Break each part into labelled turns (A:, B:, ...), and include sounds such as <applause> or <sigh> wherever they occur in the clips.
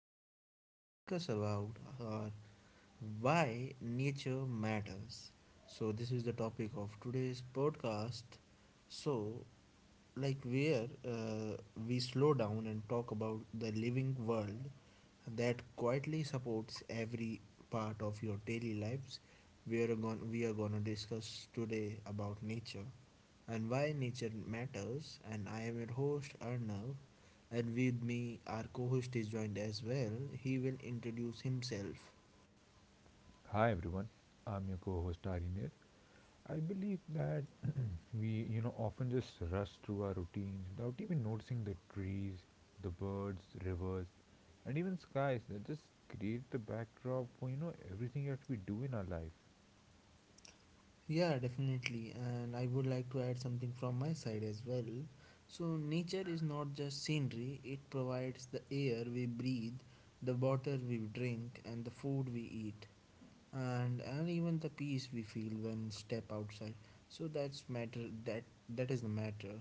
A: today we are going to discuss about uh, why nature matters. So this is the topic of today's podcast. So, like, where we slow down and talk about the living world that quietly supports every part of your daily lives. We are going to discuss today about nature and why nature matters, and I am your host Arnav, and with me, our co host is joined as well. He will introduce himself.
B: Hi everyone, I'm your co-host Arinir. I believe that we often just rush through our routines without even noticing the trees, the birds, rivers, and even skies that just create the backdrop for, everything that we do in our life.
A: Yeah, definitely. And I would like to add something from my side as well. So, nature is not just scenery, it provides the air we breathe, the water we drink, and the food we eat, and even the peace we feel when step outside. So, that's matter, that is the matter.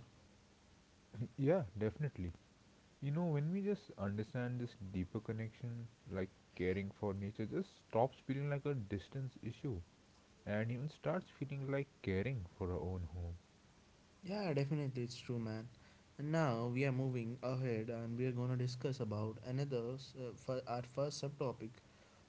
B: Yeah, definitely. When we just understand this deeper connection, like caring for nature just stops feeling like a distance issue and even starts feeling like caring for our own home.
A: Yeah, definitely, it's true, man. And now we are moving ahead, and we are going to discuss about for our first subtopic,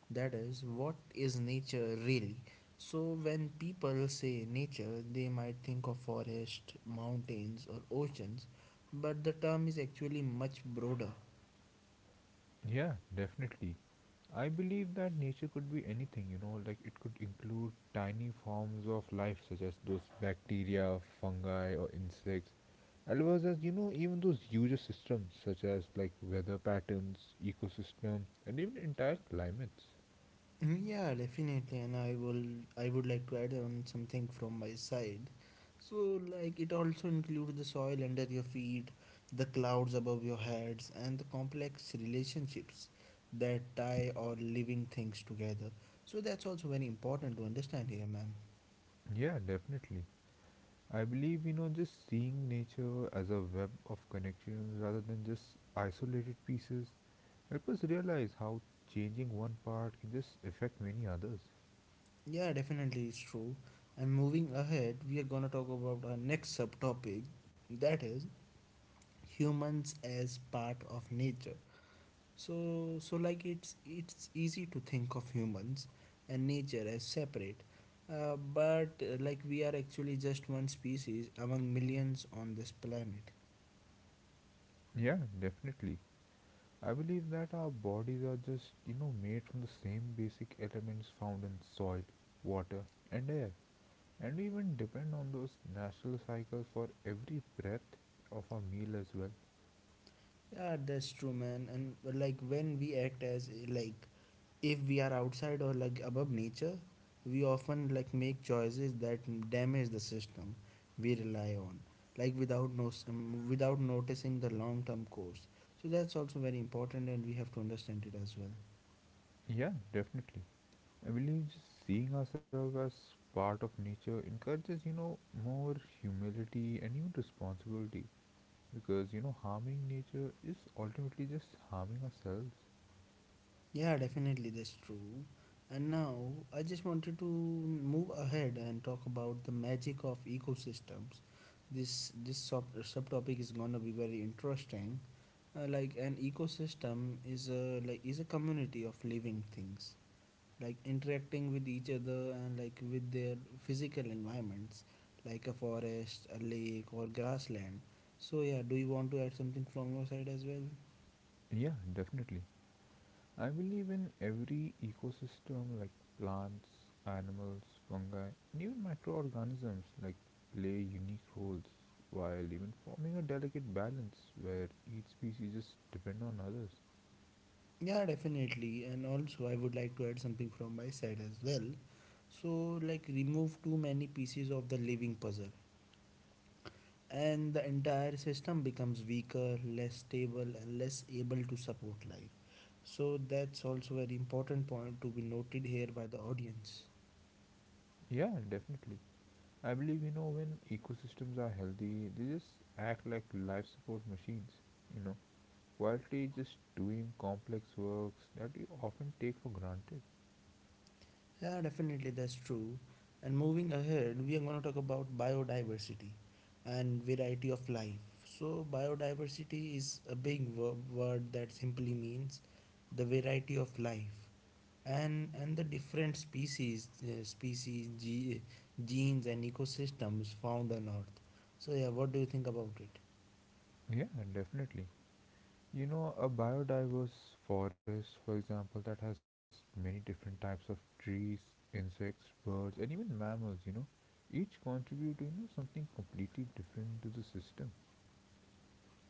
A: that is, what is nature really? So, when people say nature, they might think of forest, mountains, or oceans, but the term is actually much broader.
B: Yeah, definitely. I believe that nature could be anything, like it could include tiny forms of life such as those bacteria, fungi, or insects, as well as, even those huge systems such as like weather patterns, ecosystem, and even entire climates.
A: Mm, yeah, definitely, and I will. I would like to add on something from my side. So, like, it also includes the soil under your feet, the clouds above your heads, and the complex relationships that tie all living things together. So that's also very important to understand here, man.
B: Yeah, definitely. I believe, just seeing nature as a web of connections rather than just isolated pieces help us realize how changing one part can just affect many others.
A: Yeah, definitely, it's true. And moving ahead, we are gonna talk about our next subtopic, that is humans as part of nature. So like it's easy to think of humans and nature as separate, but like we are actually just one species among millions on this planet.
B: Yeah, definitely. I believe that our bodies are just, made from the same basic elements found in soil, water, and air. And we even depend on those natural cycles for every breath of our meal as well.
A: Yeah, that's true, man. And like when we act as like if we are outside or like above nature, we often like make choices that damage the system we rely on, like without without noticing the long term course. So that's also very important, and we have to understand it as well.
B: Yeah, definitely. I believe just seeing ourselves as part of nature encourages, more humility and even responsibility because, harming nature is ultimately just harming ourselves.
A: Yeah, definitely, that's true. And now I just wanted to move ahead and talk about the magic of ecosystems. This subtopic is gonna be very interesting. Like an ecosystem is a like is a community of living things, like interacting with each other and like with their physical environments, like a forest, a lake, or grassland. So yeah, do you want to add something from your side as well?
B: Yeah, definitely. I believe in every ecosystem like plants, animals, fungi, and even microorganisms like play unique roles while even forming a delicate balance where each species just depend on others.
A: Yeah, definitely. And also, I would like to add something from my side as well. So, like, remove too many pieces of the living puzzle, and the entire system becomes weaker, less stable, and less able to support life. So, that's also very important point to be noted here by the audience.
B: Yeah, definitely. I believe when ecosystems are healthy, they just act like life support machines, you know, quietly just doing complex works that you often take for granted.
A: Yeah, definitely, that's true. And moving ahead, we are going to talk about biodiversity and variety of life. So, biodiversity is a big word that simply means the variety of life, and the different species, genes, and ecosystems found on Earth. So, yeah, what do you think about it?
B: Yeah, definitely. A biodiverse forest, for example, that has many different types of trees, insects, birds, and even mammals, each contribute to, something completely different to the system.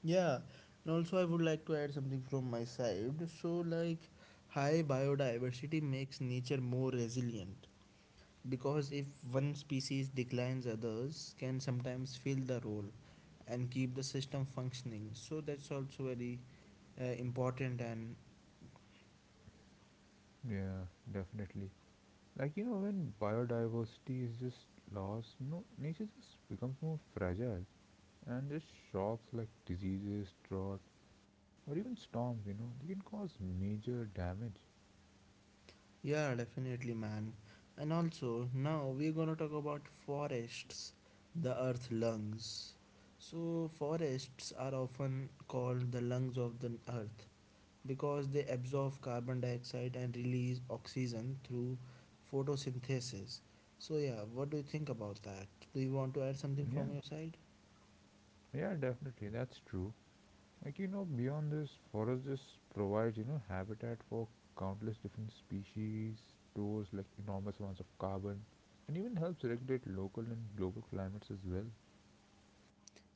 A: Yeah, and also I would like to add something from my side. So, like, high biodiversity makes nature more resilient because if one species declines, others can sometimes fill the role and keep the system functioning. So that's also very important, and
B: Yeah, definitely. Like, when biodiversity is just lost, nature just becomes more fragile and just shocks like diseases, drought, or even storms, they can cause major damage.
A: yeah, definitely, man. And also now we're gonna talk about forests, the earth lungs. So forests are often called the lungs of the earth because they absorb carbon dioxide and release oxygen through photosynthesis. So, yeah, what do you think about that? Do you want to add something
B: Yeah,
A: from your side?
B: yeah, definitely, that's true. Like beyond this, forest just provides habitat for countless different species, stores like enormous amounts of carbon, and even helps regulate local and global climates as well.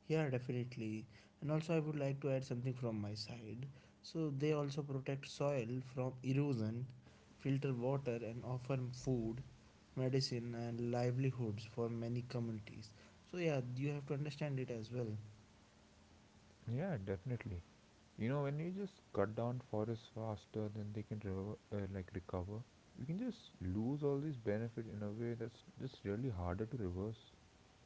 A: Yeah, definitely. And also, I would like to add something from my side. So, they also protect soil from erosion, filter water, and offer food, medicine, and livelihoods for many communities. So, yeah, you have to understand it as well.
B: Yeah, definitely. When you just cut down forests faster than they can like recover, we can just lose all these benefit in a way that's just really harder to reverse.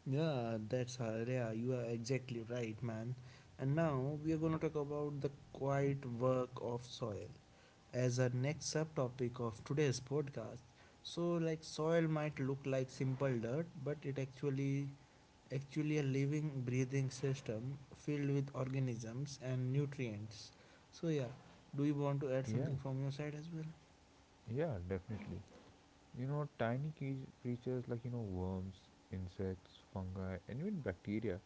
A: Yeah, you are exactly right, man. And now we are going to talk about the quiet work of soil as our next subtopic of today's podcast. So, like, soil might look like simple dirt, but it actually actually a living, breathing system filled with organisms and nutrients. So, yeah, do you want to add
B: Yeah,
A: something from your side as well?
B: yeah, definitely. Tiny creatures like, worms, insects, fungi, and even bacteria,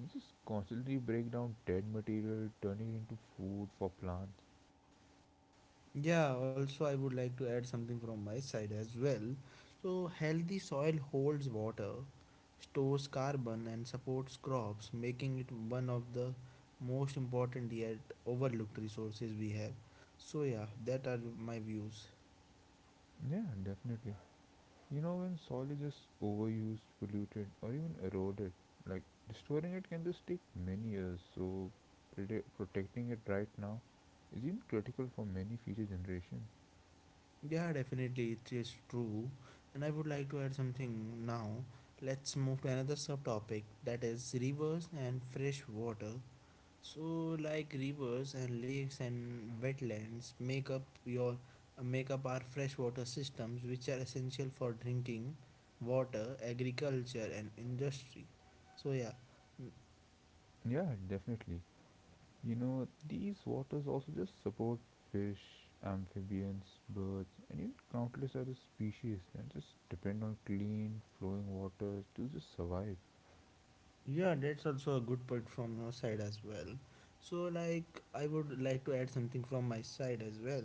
B: they just constantly break down dead material, turning it into food for plants.
A: Yeah, also, I would like to add something from my side as well. So, healthy soil holds water, stores carbon, and supports crops, making it one of the most important yet overlooked resources we have. So, yeah, that are my views.
B: Yeah, definitely. When soil is just overused, polluted, or even eroded, like restoring it can just take many years. So, protecting it right now is even critical for many future generations.
A: Yeah, definitely, it is true. And I would like to add something now. Let's move to another subtopic, that is rivers and fresh water. So, like, rivers and lakes and wetlands make up our freshwater systems, which are essential for drinking water, agriculture, and industry. So yeah.
B: Yeah, definitely. These waters also just support fish, amphibians, birds, and even countless other species that just depend on clean, flowing water to just survive.
A: Yeah, that's also a good point from your side as well. So, like, I would like to add something from my side as well.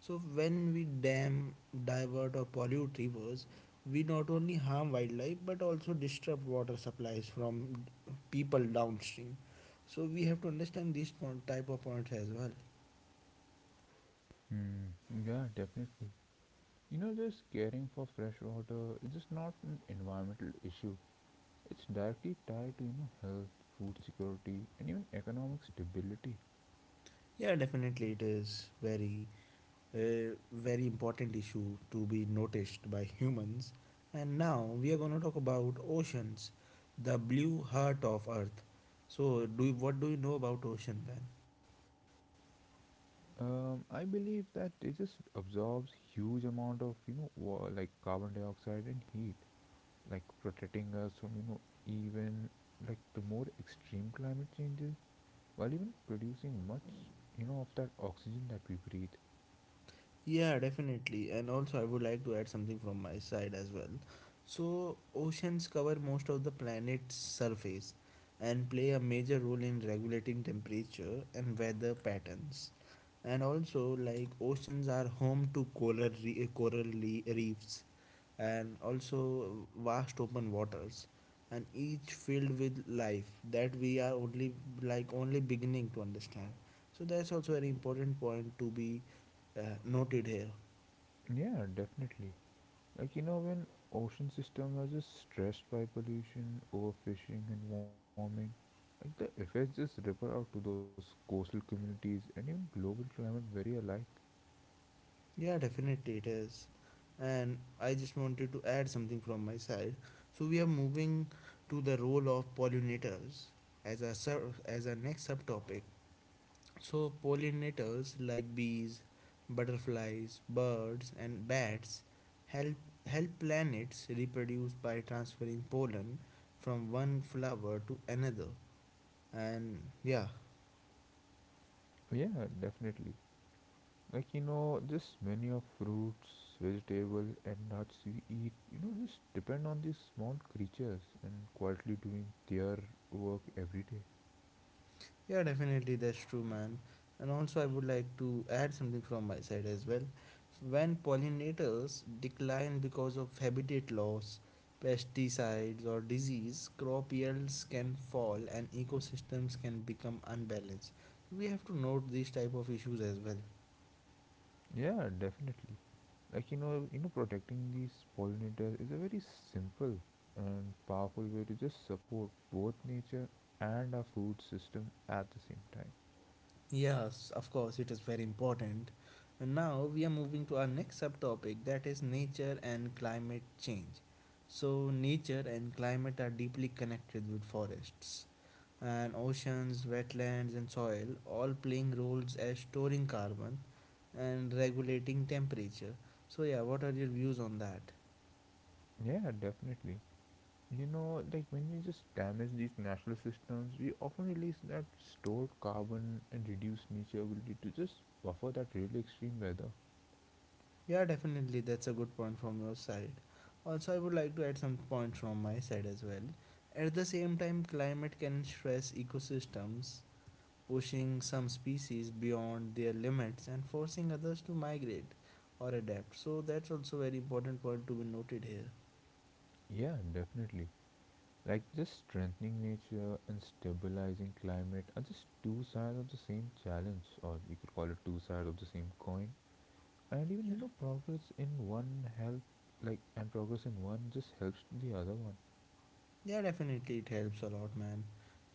A: So, when we dam, divert, or pollute rivers, we not only harm wildlife but also disrupt water supplies from people downstream. So, we have to understand these type of points as well.
B: Hmm. Yeah, definitely. Just caring for fresh water is just not an environmental issue. It's directly tied to health, food security, and even economic stability.
A: Yeah, definitely, it is very a very important issue to be noticed by humans. And now we are going to talk about oceans, the blue heart of Earth. So, what do you know about ocean, man?
B: I believe that it just absorbs huge amount of like carbon dioxide and heat like protecting us from even like the more extreme climate changes while even producing much of that oxygen that we breathe.
A: Yeah, definitely. And also, I would like to add something from my side as well. So, oceans cover most of the planet's surface and play a major role in regulating temperature and weather patterns. And also, like, oceans are home to coral reefs and also vast open waters, and each filled with life that we are only like only beginning to understand. So that's also an important point to be noted here.
B: Yeah, definitely. Like when ocean systems are just stressed by pollution, overfishing, and warming, like the effects just ripple out to those coastal communities and even global climate very alike.
A: Yeah, definitely it is. And I just wanted to add something from my side. So we are moving to the role of pollinators as as our next subtopic. So pollinators like bees, butterflies, birds, and bats help help planets reproduce by transferring pollen from one flower to another. And yeah.
B: Yeah, definitely. Like just many of fruits, vegetable, and nuts we eat, just depend on these small creatures and quietly doing their work every day.
A: Yeah, definitely, that's true, man. And also, I would like to add something from my side as well. When pollinators decline because of habitat loss, pesticides, or disease, crop yields can fall and ecosystems can become unbalanced. We have to note these type of issues as well.
B: Yeah, definitely. Like protecting these pollinators is a very simple and powerful way to just support both nature and our food system at the same time.
A: Yes, of course, it is very important. And now we are moving to our next subtopic, that is nature and climate change. So, nature and climate are deeply connected, with forests and oceans, wetlands, and soil, all playing roles as storing carbon and regulating temperature. So, yeah, what are your views on that?
B: Yeah, definitely. Like when we just damage these natural systems, we often release that stored carbon and reduce nature ability to just buffer that really extreme weather.
A: Yeah, definitely. That's a good point from your side. Also, I would like to add some points from my side as well. At the same time, climate can stress ecosystems, pushing some species beyond their limits and forcing others to migrate or adapt. So, that's also very important point to be noted here.
B: Yeah, definitely. Like just strengthening nature and stabilizing climate are just two sides of the same challenge, or we could call it two sides of the same coin. And even progress in one just helps the other one.
A: Yeah, definitely it helps a lot, man.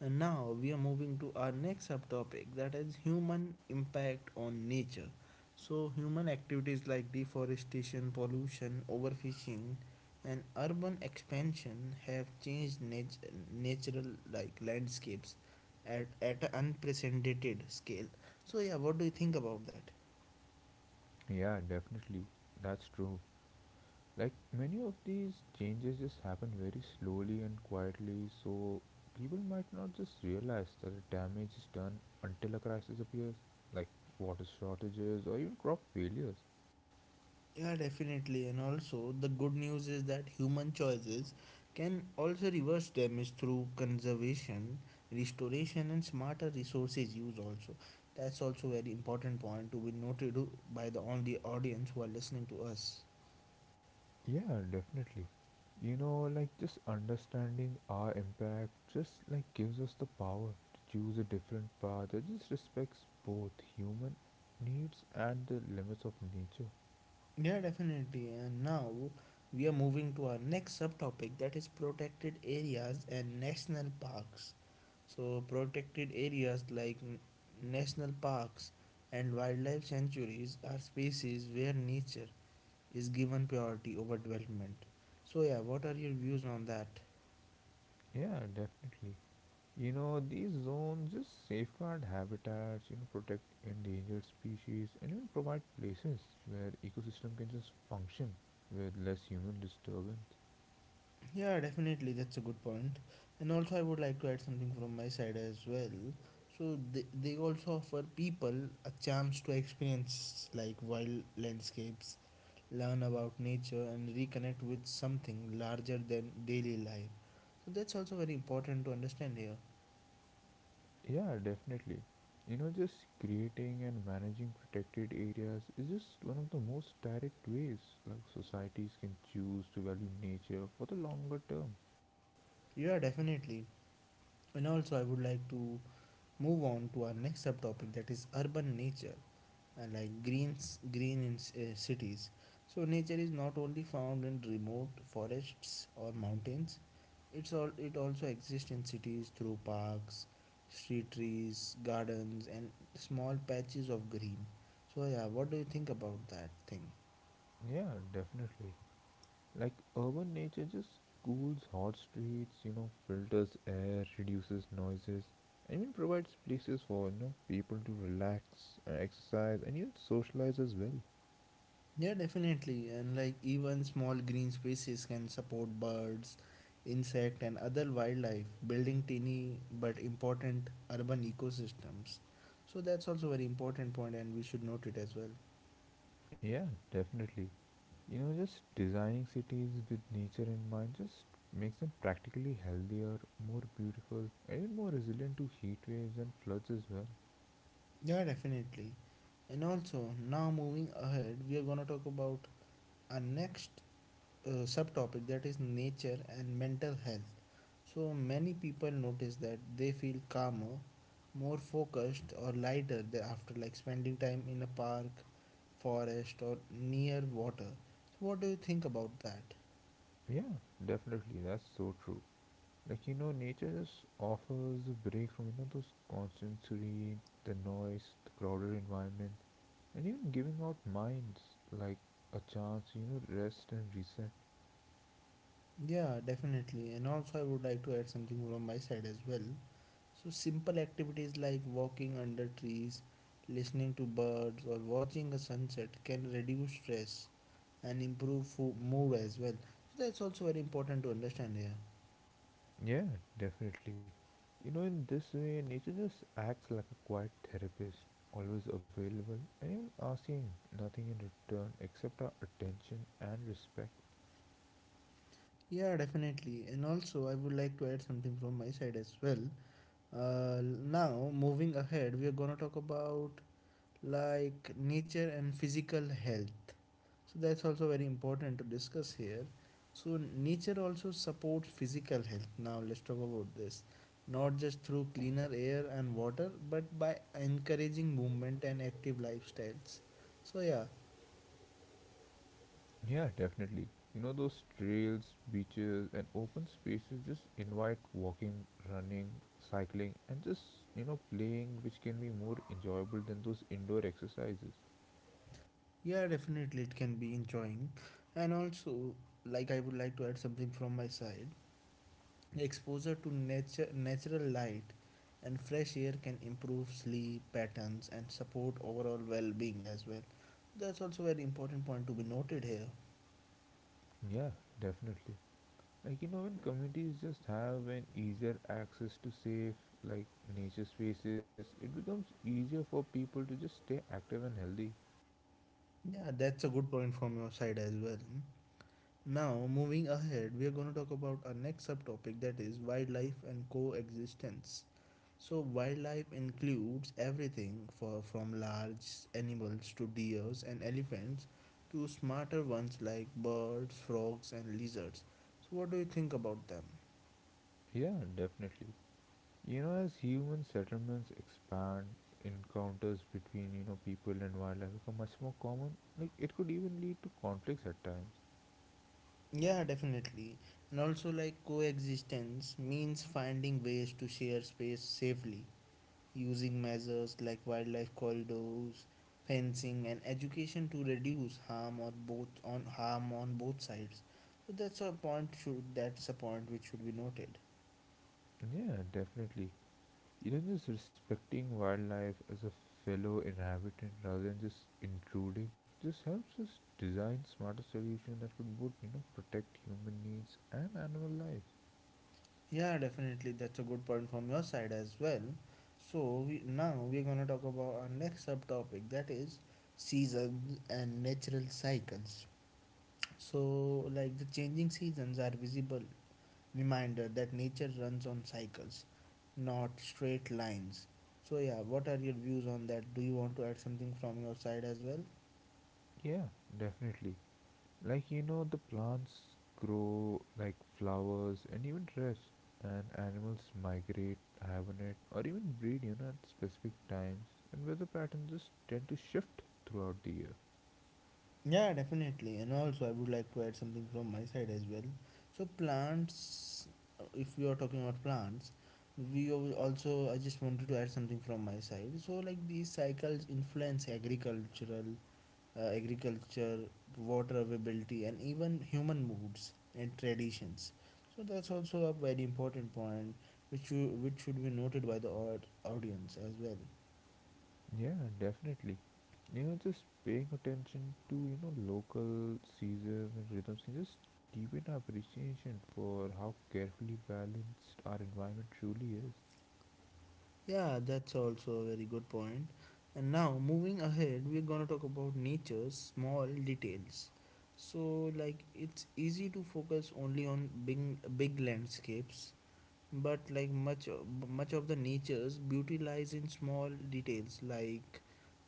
A: And now we are moving to our next subtopic, that is human impact on nature. So, human activities like deforestation, pollution, overfishing, and urban expansion have changed natural like landscapes at an unprecedented scale. So, yeah, what do you think about that?
B: Yeah, definitely. That's true. Like many of these changes just happen very slowly and quietly, so people might not just realize that the damage is done until a crisis appears, like water shortages or even crop failures.
A: Yeah, definitely. And also, the good news is that human choices can also reverse damage through conservation, restoration, and smarter resources use. Also, that's also very important point to be noted by the audience who are listening to us.
B: Yeah, definitely. Like just understanding our impact just like gives us the power to choose a different path that just respects both human needs and the limits of nature.
A: Yeah, definitely. And now we are moving to our next subtopic, that is protected areas and national parks. So, protected areas like national parks and wildlife sanctuaries are spaces where nature is given priority over development. So, yeah, what are your views on that?
B: Yeah, definitely. These zones just safeguard habitats, protect endangered species, and even provide places where ecosystem can just function with less human disturbance.
A: Yeah, definitely, that's a good point. And also, I would like to add something from my side as well. So they also offer people a chance to experience like wild landscapes, learn about nature, and reconnect with something larger than daily life. So that's also very important to understand here.
B: Yeah, definitely. Just creating and managing protected areas is just one of the most direct ways like societies can choose to value nature for the longer term.
A: Yeah, definitely. And also, I would like to move on to our next subtopic, that is urban nature. Uh, like green in cities. So nature is not only found in remote forests or mountains, it also exists in cities through parks, street trees, gardens, and small patches of green. So yeah, what do you think about that thing?
B: Yeah, definitely. Like urban nature just cools hot streets, filters air, reduces noises, and even provides places for, people to relax, exercise, and even socialize as well.
A: Yeah, definitely. And like even small green spaces can support birds, insect and other wildlife, building tiny but important urban ecosystems. So that's also very important point, and we should note it as well.
B: Yeah, definitely. Just designing cities with nature in mind just makes them practically healthier, more beautiful, and even more resilient to heat waves and floods as well.
A: Yeah, definitely. And also now moving ahead, we are going to talk about our next subtopic, that is nature and mental health. So many people notice that they feel calmer, more focused or lighter after like spending time in a park, forest or near water. So what do you think about that?
B: Yeah, definitely. That's so true. Like nature just offers a break from those constant screen, the noise, the crowded environment, and even giving out minds like a chance rest and reset.
A: Yeah, definitely. And also I would like to add something from my side as well. So simple activities like walking under trees, listening to birds or watching a sunset can reduce stress and improve mood as well. So that's also very important to understand here.
B: Yeah, definitely. In this way, nature just acts like a quiet therapist, always available and even asking nothing in return except our attention and respect.
A: Yeah, definitely. And also, I would like to add something from my side as well. Now, moving ahead, we are gonna talk about like nature and physical health. So that's also very important to discuss here. So nature also supports physical health. Now let's talk about this, not just through cleaner air and water, but by encouraging movement and active lifestyles. So yeah.
B: Yeah, definitely. Those trails, beaches, and open spaces just invite walking, running, cycling, and just, playing, which can be more enjoyable than those indoor exercises.
A: Yeah, definitely, it can be enjoying. And also, like I would like to add something from my side. Exposure to nature, natural light and fresh air can improve sleep patterns and support overall well-being as well. That's also very important point to be noted here.
B: Yeah, definitely. Like, when communities just have an easier access to safe, like, nature spaces, it becomes easier for people to just stay active and healthy.
A: Yeah, that's a good point from your side as well. Now, moving ahead, we are going to talk about our next subtopic that is wildlife and coexistence. So wildlife includes everything from large animals to deers and elephants to smarter ones like birds, frogs and lizards. So what do you think about them?
B: Yeah, definitely. As human settlements expand, encounters between people and wildlife become much more common. Like it could even lead to conflicts at times.
A: Yeah, definitely. And also, like coexistence means finding ways to share space safely using measures like wildlife corridors, fencing and education to reduce harm on both sides. So that's a point which should be noted.
B: Yeah, definitely. Just respecting wildlife as a fellow inhabitant rather than just intruding just helps us design smarter solutions that could both protect human needs and animal lives.
A: Yeah, definitely. That's a good point from your side as well. So now we're gonna talk about our next subtopic that is seasons and natural cycles. So like the changing seasons are visible reminder that nature runs on cycles, not straight lines. So yeah, what are your views on that? Do you want to add something from your side as well?
B: Yeah, definitely. Like, the plants grow like flowers and even dress, and animals migrate, hibernate, or even breed, at specific times, and weather patterns just tend to shift throughout the year.
A: Yeah, definitely. And also, I would like to add something from my side as well. So, plants, if we are talking about plants, we also, I just wanted to add something from my side. So, like these cycles influence agriculture, water availability, and even human moods and traditions. So, that's also a very important point which should be noted by the audience as well.
B: Yeah, definitely. Just paying attention to, local seasons and rhythms can just deepen our appreciation for how carefully balanced our environment truly is.
A: Yeah, that's also a very good point. And now, moving ahead, we're gonna talk about nature's small details. So, like, it's easy to focus only on big, big landscapes, but like much of the nature's beauty lies in small details, like,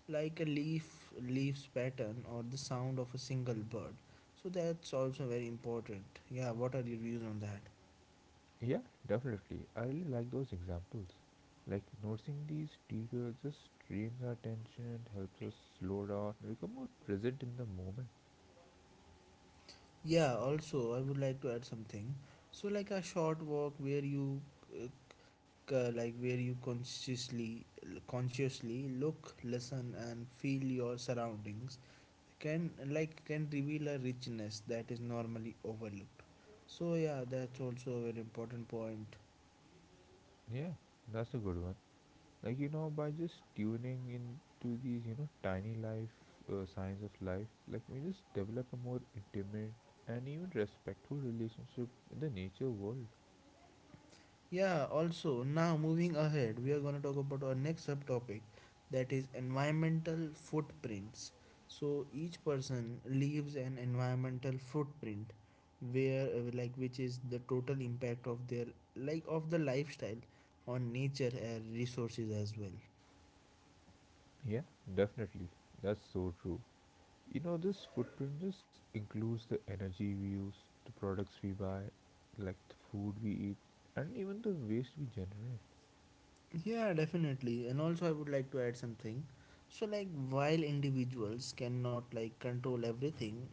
A: like a leaf's pattern or the sound of a single bird. So that's also very important. Yeah, what are your views on that?
B: Yeah, definitely. I really like those examples. Like noticing these details just trains our attention, and helps us slow down, and become more present in the moment.
A: Yeah, also, I would like to add something. So, like a short walk where you uh, consciously look, listen and feel your surroundings can reveal a richness that is normally overlooked. So, yeah, that's also a very important point.
B: Yeah, that's a good one. Like by just tuning into these, tiny life signs of life, like we just develop a more intimate and even respectful relationship with the nature world.
A: Yeah, also, now moving ahead, we are going to talk about our next subtopic that is environmental footprints. So, each person leaves an environmental footprint where like which is the total impact of their like of the lifestyle on nature and resources as well.
B: Yeah, definitely. That's so true. This footprint includes the energy we use, the products we buy, like the food we eat, and even the waste we generate.
A: Yeah, definitely. And also I would like to add something. So, like while individuals cannot control everything,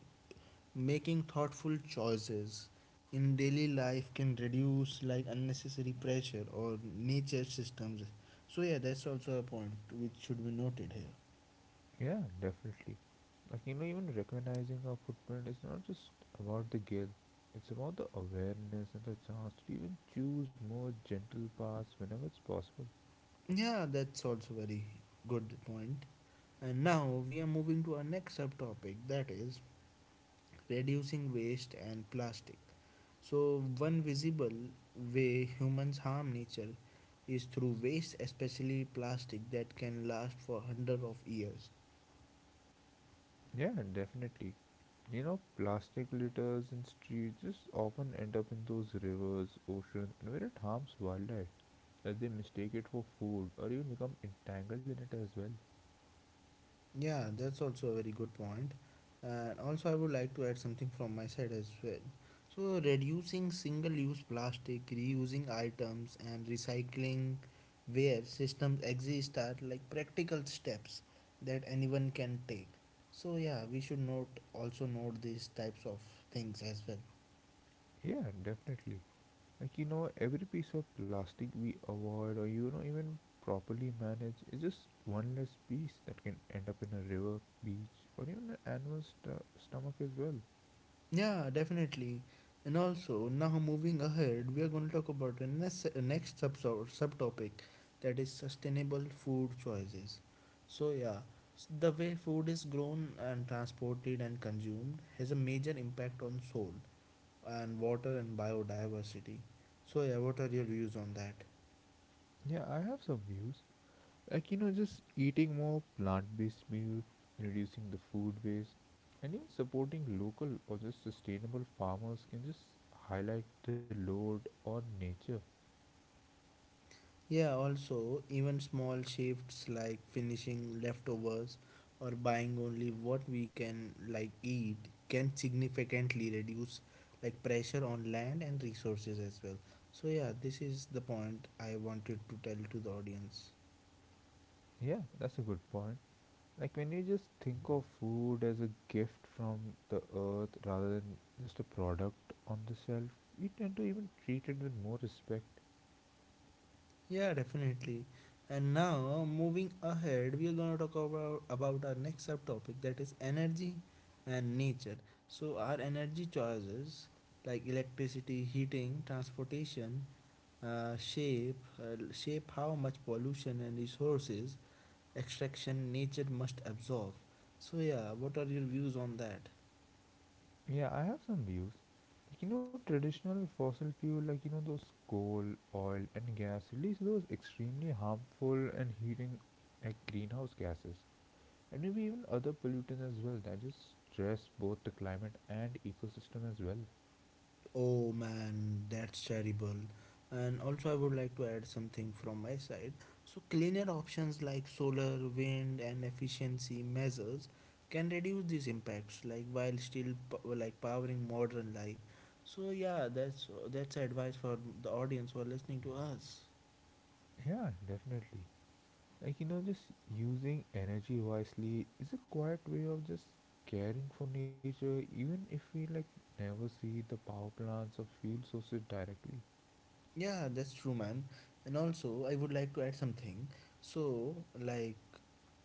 A: making thoughtful choices in daily life can reduce unnecessary pressure or nature systems. So yeah, that's also a point which should be noted here.
B: Yeah, definitely. Like, even recognizing our footprint is not just about the guilt, it's about the awareness and the chance to even choose more gentle paths whenever it's possible.
A: Yeah, that's also very good point. And now we are moving to our next subtopic that is reducing waste and plastic. So one visible way humans harm nature is through waste, especially plastic that can last for hundreds of years.
B: Yeah, definitely. Plastic litters in streets just often end up in those rivers, oceans, and where it harms wildlife, as they mistake it for food or even become entangled in it as well.
A: Yeah, that's also a very good point. And also, I would like to add something from my side as well. So, reducing single use plastic, reusing items, and recycling where systems exist are like practical steps that anyone can take. So, yeah, we should note these types of things as well.
B: Yeah, definitely. Like every piece of plastic we avoid or even properly manage is just one less piece that can end up in a river, beach, or even an animal's stomach as well.
A: Yeah, definitely. And also, now moving ahead, we are going to talk about the next subtopic that is sustainable food choices. So, yeah, the way food is grown and transported and consumed has a major impact on soil and water and biodiversity. So, yeah, what are your views on that?
B: Yeah, I have some views. Like, just eating more plant based meals, reducing the food waste, and even supporting local or just sustainable farmers can just highlight the load on nature.
A: Yeah, also, even small shifts like finishing leftovers or buying only what we can eat can significantly reduce pressure on land and resources as well. So yeah, this is the point I wanted to tell to the audience.
B: Yeah, that's a good point. Like, when you just think of food as a gift from the earth rather than just a product on the shelf, we tend to even treat it with more respect.
A: Yeah, definitely. And now moving ahead, we are gonna talk about our next subtopic that is energy and nature. So our energy choices like electricity, heating, transportation, shape how much pollution and resources extraction nature must absorb. So yeah, what are your views on that?
B: Yeah, I have some views. Like, traditional fossil fuel, like, those coal, oil, and gas release those extremely harmful and heating, like, greenhouse gases, and maybe even other pollutants as well that just stress both the climate and ecosystem as well.
A: Oh man, that's terrible. And also, I would like to add something from my side. So cleaner options like solar, wind and efficiency measures can reduce these impacts like while still powering modern life. So yeah, that's advice for the audience who are listening to us.
B: Yeah, definitely. Just using energy wisely is a quiet way of just caring for nature, even if we, like, never see the power plants or fuel sources directly.
A: Yeah, that's true, man. And also, I would like to add something. So, like,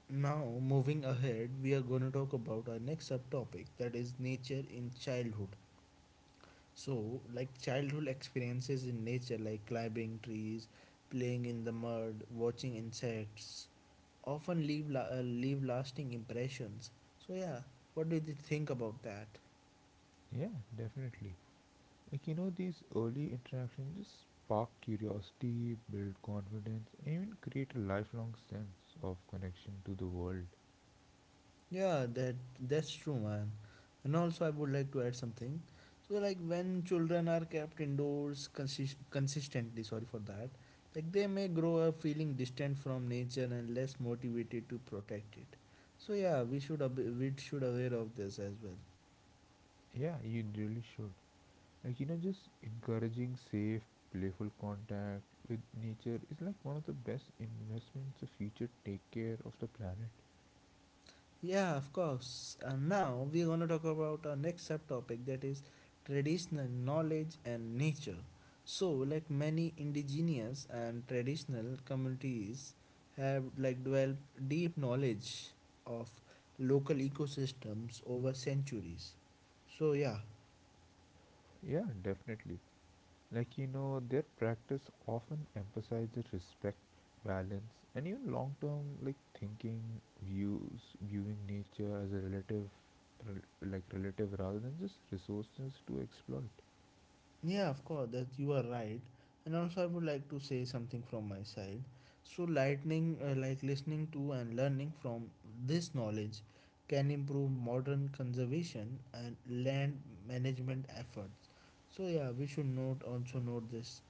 A: now moving ahead, we are going to talk about our next subtopic that is nature in childhood. So, like, childhood experiences in nature, like climbing trees, playing in the mud, watching insects, often leave lasting impressions. So, yeah, what do you think about that?
B: Yeah, definitely. These early interactions just spark curiosity, build confidence, and even create a lifelong sense of connection to the world.
A: Yeah, that's true, man. And also, I would like to add something. So, like when children are kept indoors consistently, sorry for that, like they may grow up feeling distant from nature and less motivated to protect it. So, yeah, we should aware of this as well.
B: Yeah, you really should. Just encouraging safe, playful contact with nature is like one of the best investments the future take care of the planet.
A: Yeah, of course. And now we're going to talk about our next subtopic that is traditional knowledge and nature. So, like many indigenous and traditional communities have developed deep knowledge of local ecosystems over centuries. So, yeah.
B: Yeah, definitely. Their practice often emphasizes respect, balance, and even long term, like, thinking, views, viewing nature as a relative, like, relative rather than just resources to exploit.
A: Yeah, of course, that you are right. And also, I would like to say something from my side. So, lightning, like listening to and learning from this knowledge can improve modern conservation and land management efforts. So, yeah, we should note this.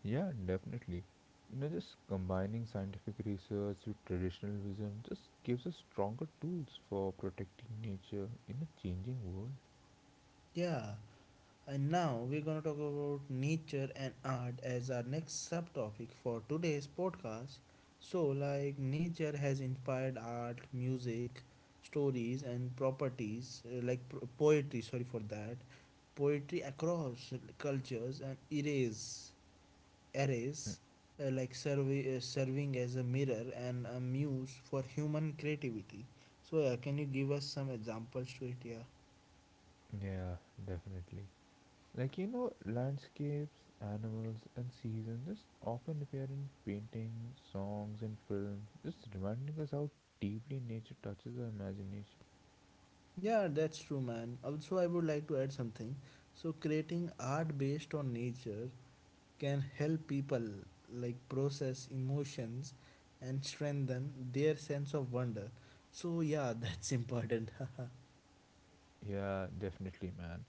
B: Yeah, definitely. Just combining scientific research with traditional wisdom just gives us stronger tools for protecting nature in a changing world.
A: Yeah. And now we're going to talk about nature and art as our next subtopic for today's podcast. So, like, nature has inspired art, music, stories, and poetry, sorry for that, poetry across cultures and erase. Serving as a mirror and a muse for human creativity. So, yeah, can you give us some examples to it? Yeah.
B: Yeah, definitely. Landscapes, animals, and seasons just often appear in paintings, songs, and films, just reminding us how deeply nature touches our imagination.
A: Yeah, that's true, man. Also, I would like to add something. So, creating art based on nature can help people process emotions and strengthen their sense of wonder. So, yeah, <laughs> that's important. <laughs>
B: Yeah, definitely, man.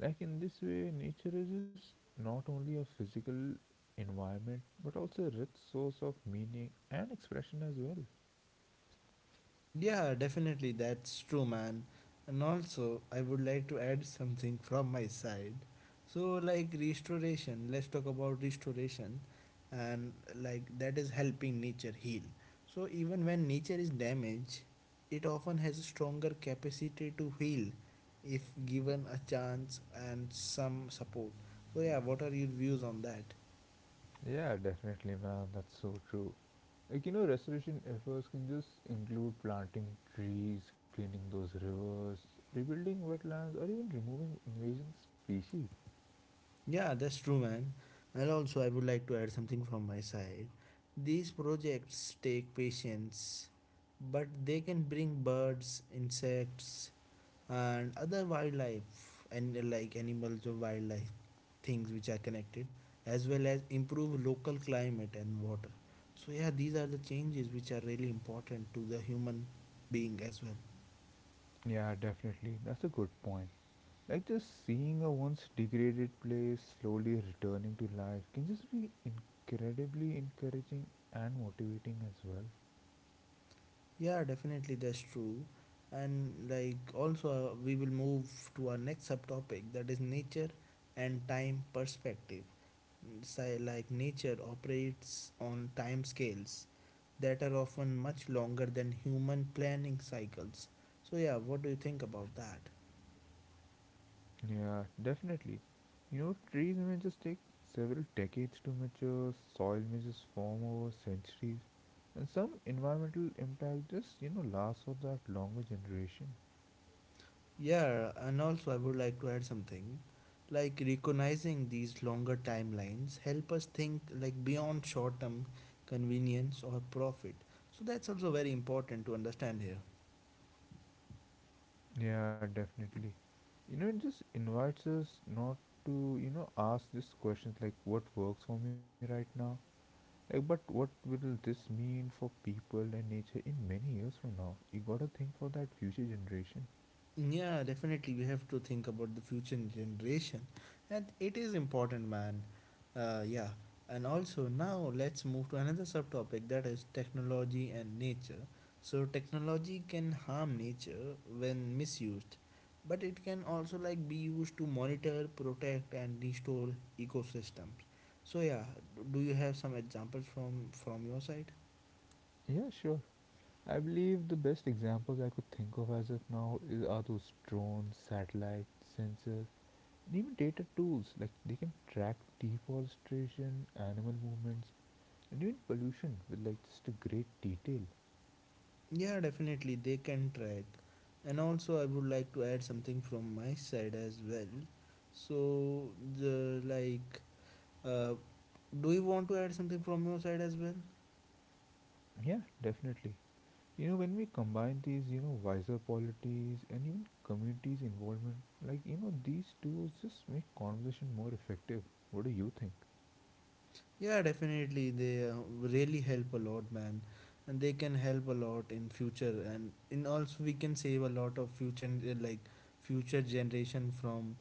B: Like in this way, nature is just not only a physical environment but also a rich source of meaning and expression as well.
A: Yeah, definitely, that's true, man. And also, I would like to add something from my side. So, like restoration, let's talk about restoration, and like that is helping nature heal. So, even when nature is damaged, it often has a stronger capacity to heal if given a chance and some support. So, yeah, what are your views on that?
B: Yeah, definitely, man. That's so true. Restoration efforts can just include planting trees, cleaning those rivers, rebuilding wetlands, or even removing invasion species.
A: Yeah, that's true, man. And also, I would like to add something from my side. These projects take patience, but they can bring birds, insects, and other wildlife, and like animals or wildlife things which are connected, as well as improve local climate and water. So, yeah, these are the changes which are really important to the human being as well.
B: Yeah, definitely. That's a good point. Like just seeing a once degraded place slowly returning to life can just be incredibly encouraging and motivating as well.
A: Yeah, definitely that's true. And like also we will move to our next subtopic that is nature and time perspective. Say like nature operates on time scales that are often much longer than human planning cycles. So yeah, what do you think about that?
B: Yeah, definitely. Trees may just take several decades to mature, soil may just form over centuries, and some environmental impact just lasts for that longer generation.
A: Yeah, and also I would like to add something. Like recognizing these longer timelines help us think like beyond short-term convenience or profit. So that's also very important to understand here.
B: Yeah, definitely. It just invites us not to ask these questions like what works for me right now? Like, but what will this mean for people and nature in many years from now? You gotta think for that future generation.
A: Yeah, definitely. We have to think about the future generation, and it is important, man. Yeah, and also now let's move to another subtopic that is technology and nature. So, technology can harm nature when misused, but it can also like be used to monitor, protect, and restore ecosystems. So, yeah, do you have some examples from your side?
B: Yeah, sure. I believe the best examples I could think of as of now is, are those drones, satellites, sensors, and even data tools. Like they can track deforestation, animal movements, and even pollution with like just a great detail.
A: Yeah, definitely they can track. And also I would like to add something from my side as well. So the like uh, do you want to add something from your side as well?
B: Yeah, definitely. When we combine these wiser polities and even communities' involvement, like these tools just make conversation more effective. What do you think?
A: Yeah, definitely they really help a lot, man. And they can help a lot in future and in also we can save a lot of future like future generation from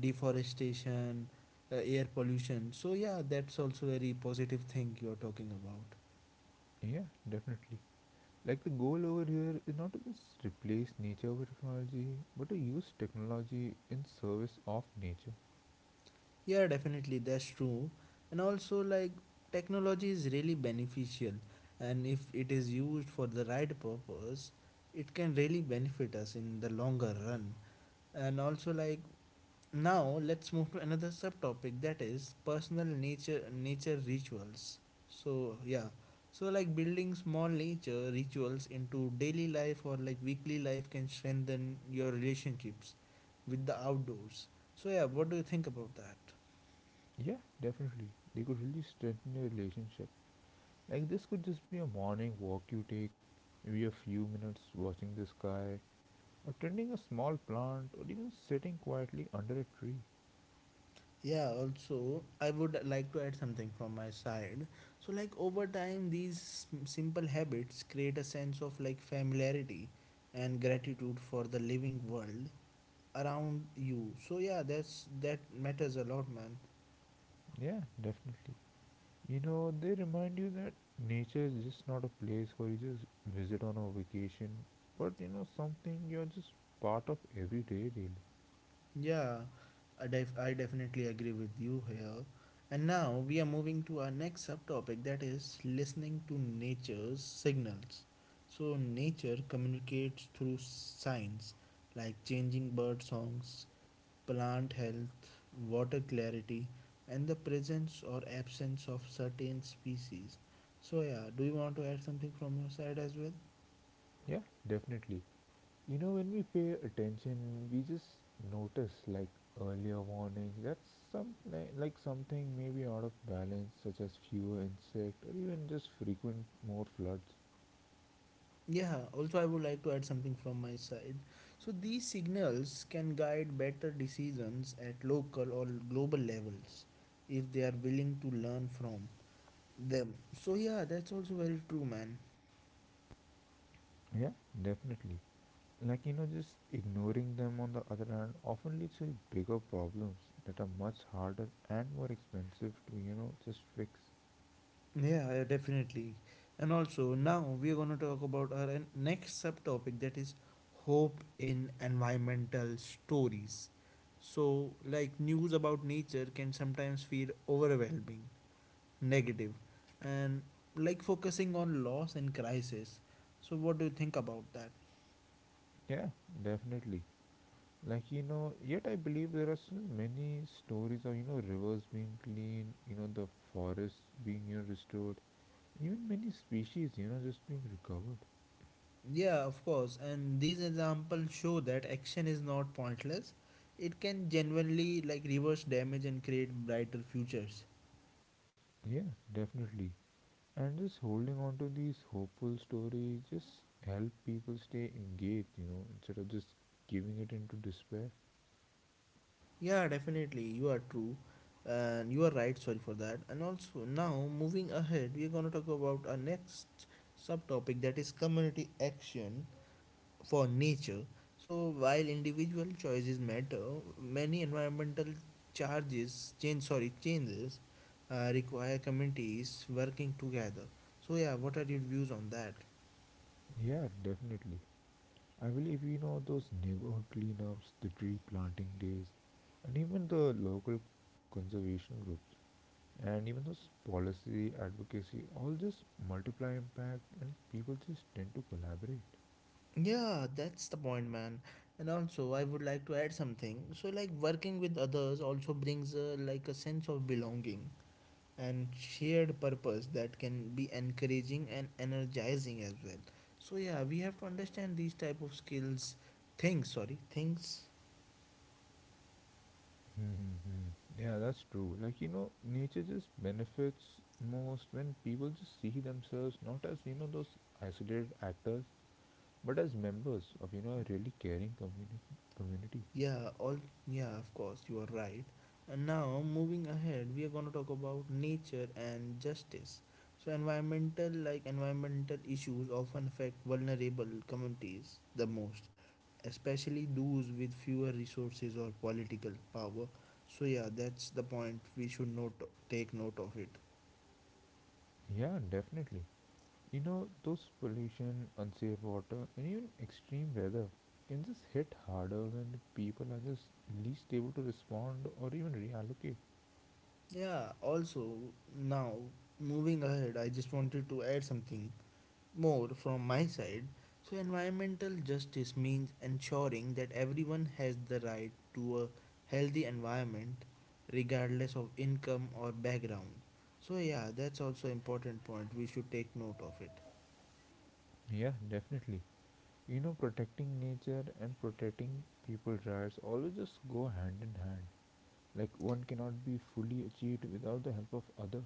A: deforestation, air pollution. So yeah, that's also very positive thing you're talking about.
B: Yeah, definitely. Like the goal over here is not to just replace nature with technology, but to use technology in service of nature.
A: Yeah, definitely, that's true. And also, like, technology is really beneficial, and if it is used for the right purpose, it can really benefit us in the longer run. And also, like, now let's move to another subtopic that is personal nature rituals. So, yeah. So like building small nature rituals into daily life or like weekly life can strengthen your relationships with the outdoors. So yeah, what do you think about that?
B: Yeah, definitely. They could really strengthen your relationship. Like this could just be a morning walk you take, maybe a few minutes watching the sky, or tending a small plant, or even sitting quietly under a tree.
A: Yeah, also, I would like to add something from my side. So, like, over time, these simple habits create a sense of like familiarity and gratitude for the living world around you. So, yeah, that's that matters a lot, man.
B: Yeah, definitely. They remind you that nature is just not a place where you just visit on a vacation, but something you're just part of every day, really.
A: Yeah, I definitely agree with you here. And now we are moving to our next subtopic that is listening to nature's signals. So, nature communicates through signs like changing bird songs, plant health, water clarity, and the presence or absence of certain species. So, yeah, do you want to add something from your side as well?
B: Yeah, definitely. When we pay attention, we just notice like earlier warnings that some like something maybe out of balance, such as fewer insect or even just frequent more floods.
A: Yeah, also, I would like to add something from my side. So, these signals can guide better decisions at local or global levels if they are willing to learn from them. So, yeah, that's also very true, man.
B: Yeah, definitely. Just ignoring them on the other hand often leads to bigger problems that are much harder and more expensive to just fix.
A: Yeah, definitely. And also, now we are going to talk about our next subtopic that is hope in environmental stories. So, like news about nature can sometimes feel overwhelming negative and like focusing on loss and crisis, so what do you think about that?
B: Yeah, definitely. Like yet I believe there are still many stories of rivers being clean, the forests being restored, even many species just being recovered.
A: Yeah, of course. And these examples show that action is not pointless. It can genuinely like reverse damage and create brighter futures.
B: Yeah, definitely. And just holding on to these hopeful stories just help people stay engaged instead of just giving it into despair.
A: Yeah, definitely, you are true. And you are right, sorry for that. And also, now moving ahead, we are going to talk about our next subtopic that is community action for nature. So while individual choices matter, many environmental charges change sorry changes require communities working together. So yeah, what are your views on that?
B: Yeah, definitely. I believe those neighborhood cleanups, the tree planting days, and even the local conservation groups, and even those policy advocacy all just multiply impact, and people just tend to collaborate.
A: Yeah, that's the point, man. And also, I would like to add something. So like working with others also brings like a sense of belonging and shared purpose that can be encouraging and energizing as well. So yeah, we have to understand these type of skills things sorry things.
B: Mm-hmm. Yeah, that's true. Like nature just benefits most when people just see themselves not as those isolated actors, but as members of a really caring community.
A: Yeah, all, yeah, of course you are right. And now moving ahead we are going to talk about nature and justice. So environmental issues often affect vulnerable communities the most, especially those with fewer resources or political power. So, yeah, that's the point we should note take note of it.
B: Yeah, definitely. Those pollution, unsafe water, and even extreme weather can just hit harder when people are just least able to respond or even reallocate.
A: Yeah, also, now moving ahead, I just wanted to add something more from my side. So, environmental justice means ensuring that everyone has the right to a healthy environment regardless of income or background. So, yeah, that's also important point we should take note of it.
B: Yeah, definitely. Protecting nature and protecting people's rights always just go hand in hand. Like one cannot be fully achieved without the help of other.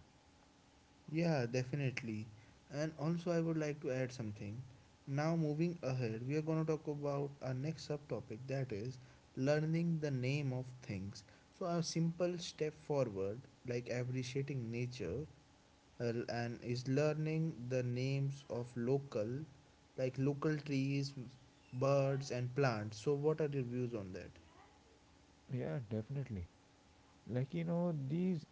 A: Yeah, definitely. And also, I would like to add something. Now, moving ahead, we are going to talk about our next subtopic that is learning the name of things. So, a simple step forward, like appreciating nature, and is learning the names of local trees, birds, and plants. So, what are your views on that?
B: Yeah, definitely. These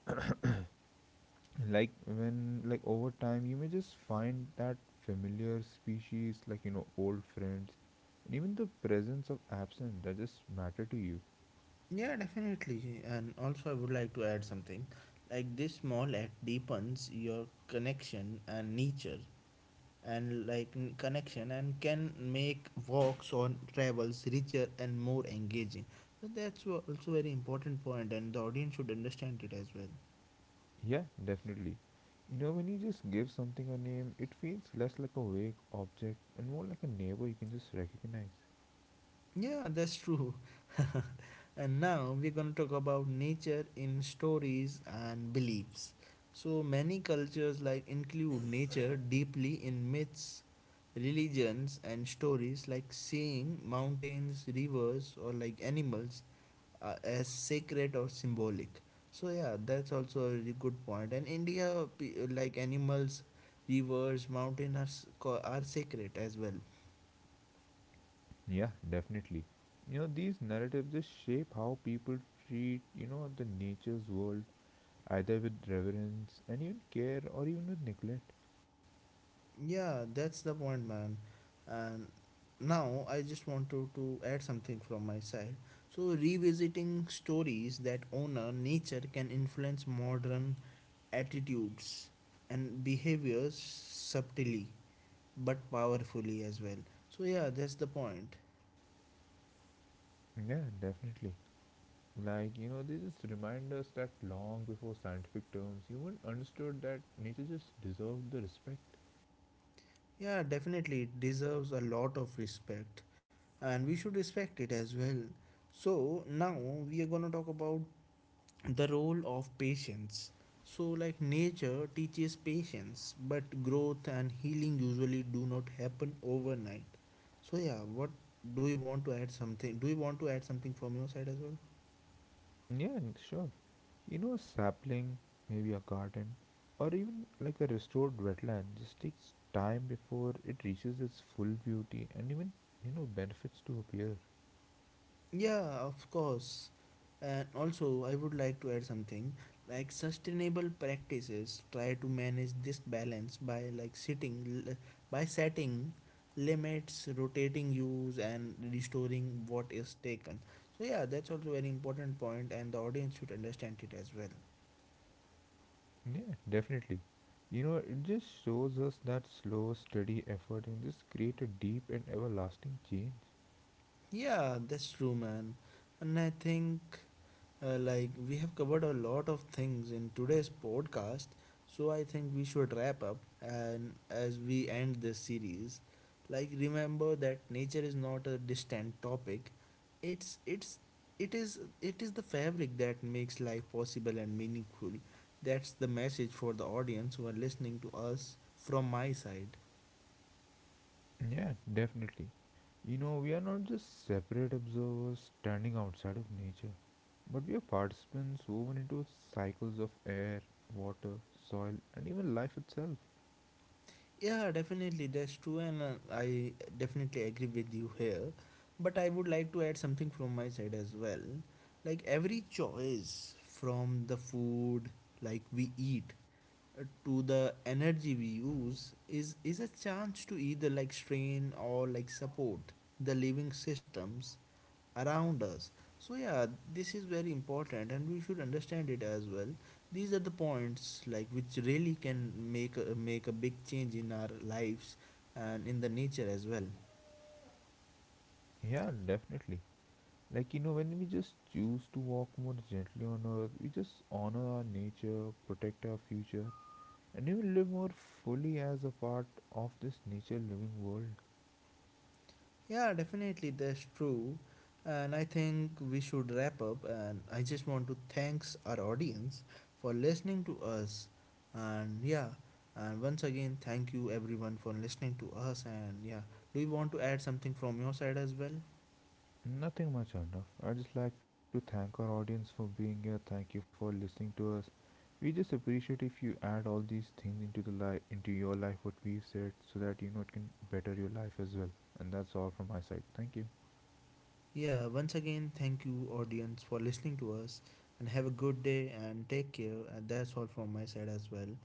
B: like when like over time you may just find that familiar species like old friends and even the presence of absence that just matter to you.
A: Yeah, definitely. And also, I would like to add something. Like this small act deepens your connection and nature, and connection and can make walks or travels richer and more engaging. So that's also very important point, and the audience should understand it as well.
B: Yeah, definitely. You know, when you just give something a name, it feels less like a vague object and more like a neighbor you can just recognize.
A: Yeah, that's true. <laughs> And now we're going to talk about nature in stories and beliefs. So many cultures like include nature deeply in myths, religions and stories like seeing mountains, rivers or like animals as sacred or symbolic. So yeah, that's also a really good point. And India, animals, rivers, mountains are sacred as well.
B: Yeah, definitely. You know, these narratives just shape how people treat the nature's world, either with reverence and even care or even with neglect.
A: Yeah, that's the point, man. And now I just want to add something from my side. So, revisiting stories that honor nature can influence modern attitudes and behaviors subtly but powerfully as well. So, yeah, that's the point.
B: Yeah, definitely. They just remind us that long before scientific terms, humans understood that nature just deserved the respect.
A: Yeah, definitely, it deserves a lot of respect, and we should respect it as well. So, now we are gonna talk about the role of patience. So like nature teaches patience, but growth and healing usually do not happen overnight. So yeah, what, do you want to add something, do you want to add something from your side as well?
B: Yeah, sure. A sapling, maybe a garden, or even like a restored wetland just takes time before it reaches its full beauty and even benefits to appear.
A: Yeah, of course. And also, I would like to add something like sustainable practices try to manage this balance by by setting limits, rotating use, and restoring what is taken. So yeah, that's also very important point, and the audience should understand it as well.
B: Yeah, definitely. It just shows us that slow, steady effort can just create a deep and everlasting change.
A: Yeah, that's true, man. And I think, like, we have covered a lot of things in today's podcast. So I think we should wrap up. And as we end this series, like, remember that nature is not a distant topic. It's it is the fabric that makes life possible and meaningful. That's the message for the audience who are listening to us from my side.
B: Yeah, definitely. We are not just separate observers standing outside of nature, but we are participants woven into cycles of air, water, soil, and even life itself.
A: Yeah, definitely, that's true, and I definitely agree with you here. But I would like to add something from my side as well. Like every choice from the food like we eat, to the energy we use is a chance to either like strain or like support the living systems around us. So, yeah, this is very important and we should understand it as well. These are the points like which really can make a big change in our lives and in the nature as well.
B: Yeah, definitely. When we just choose to walk more gently on earth, we just honor our nature, protect our future, and even live more fully as a part of this nature living world.
A: Yeah, definitely that's true. And I think we should wrap up, and I just want to thanks our audience for listening to us. And yeah, and once again thank you everyone for listening to us. And yeah, do you want to add something from your side as well?
B: Nothing much, Arnav. I just like to thank our audience for being here. Thank you for listening to us. We just appreciate if you add all these things into the life, into your life, what we've said, so that it can better your life as well. And that's all from my side. Thank you.
A: Yeah, once again, thank you, audience, for listening to us. And have a good day and take care. And that's all from my side as well.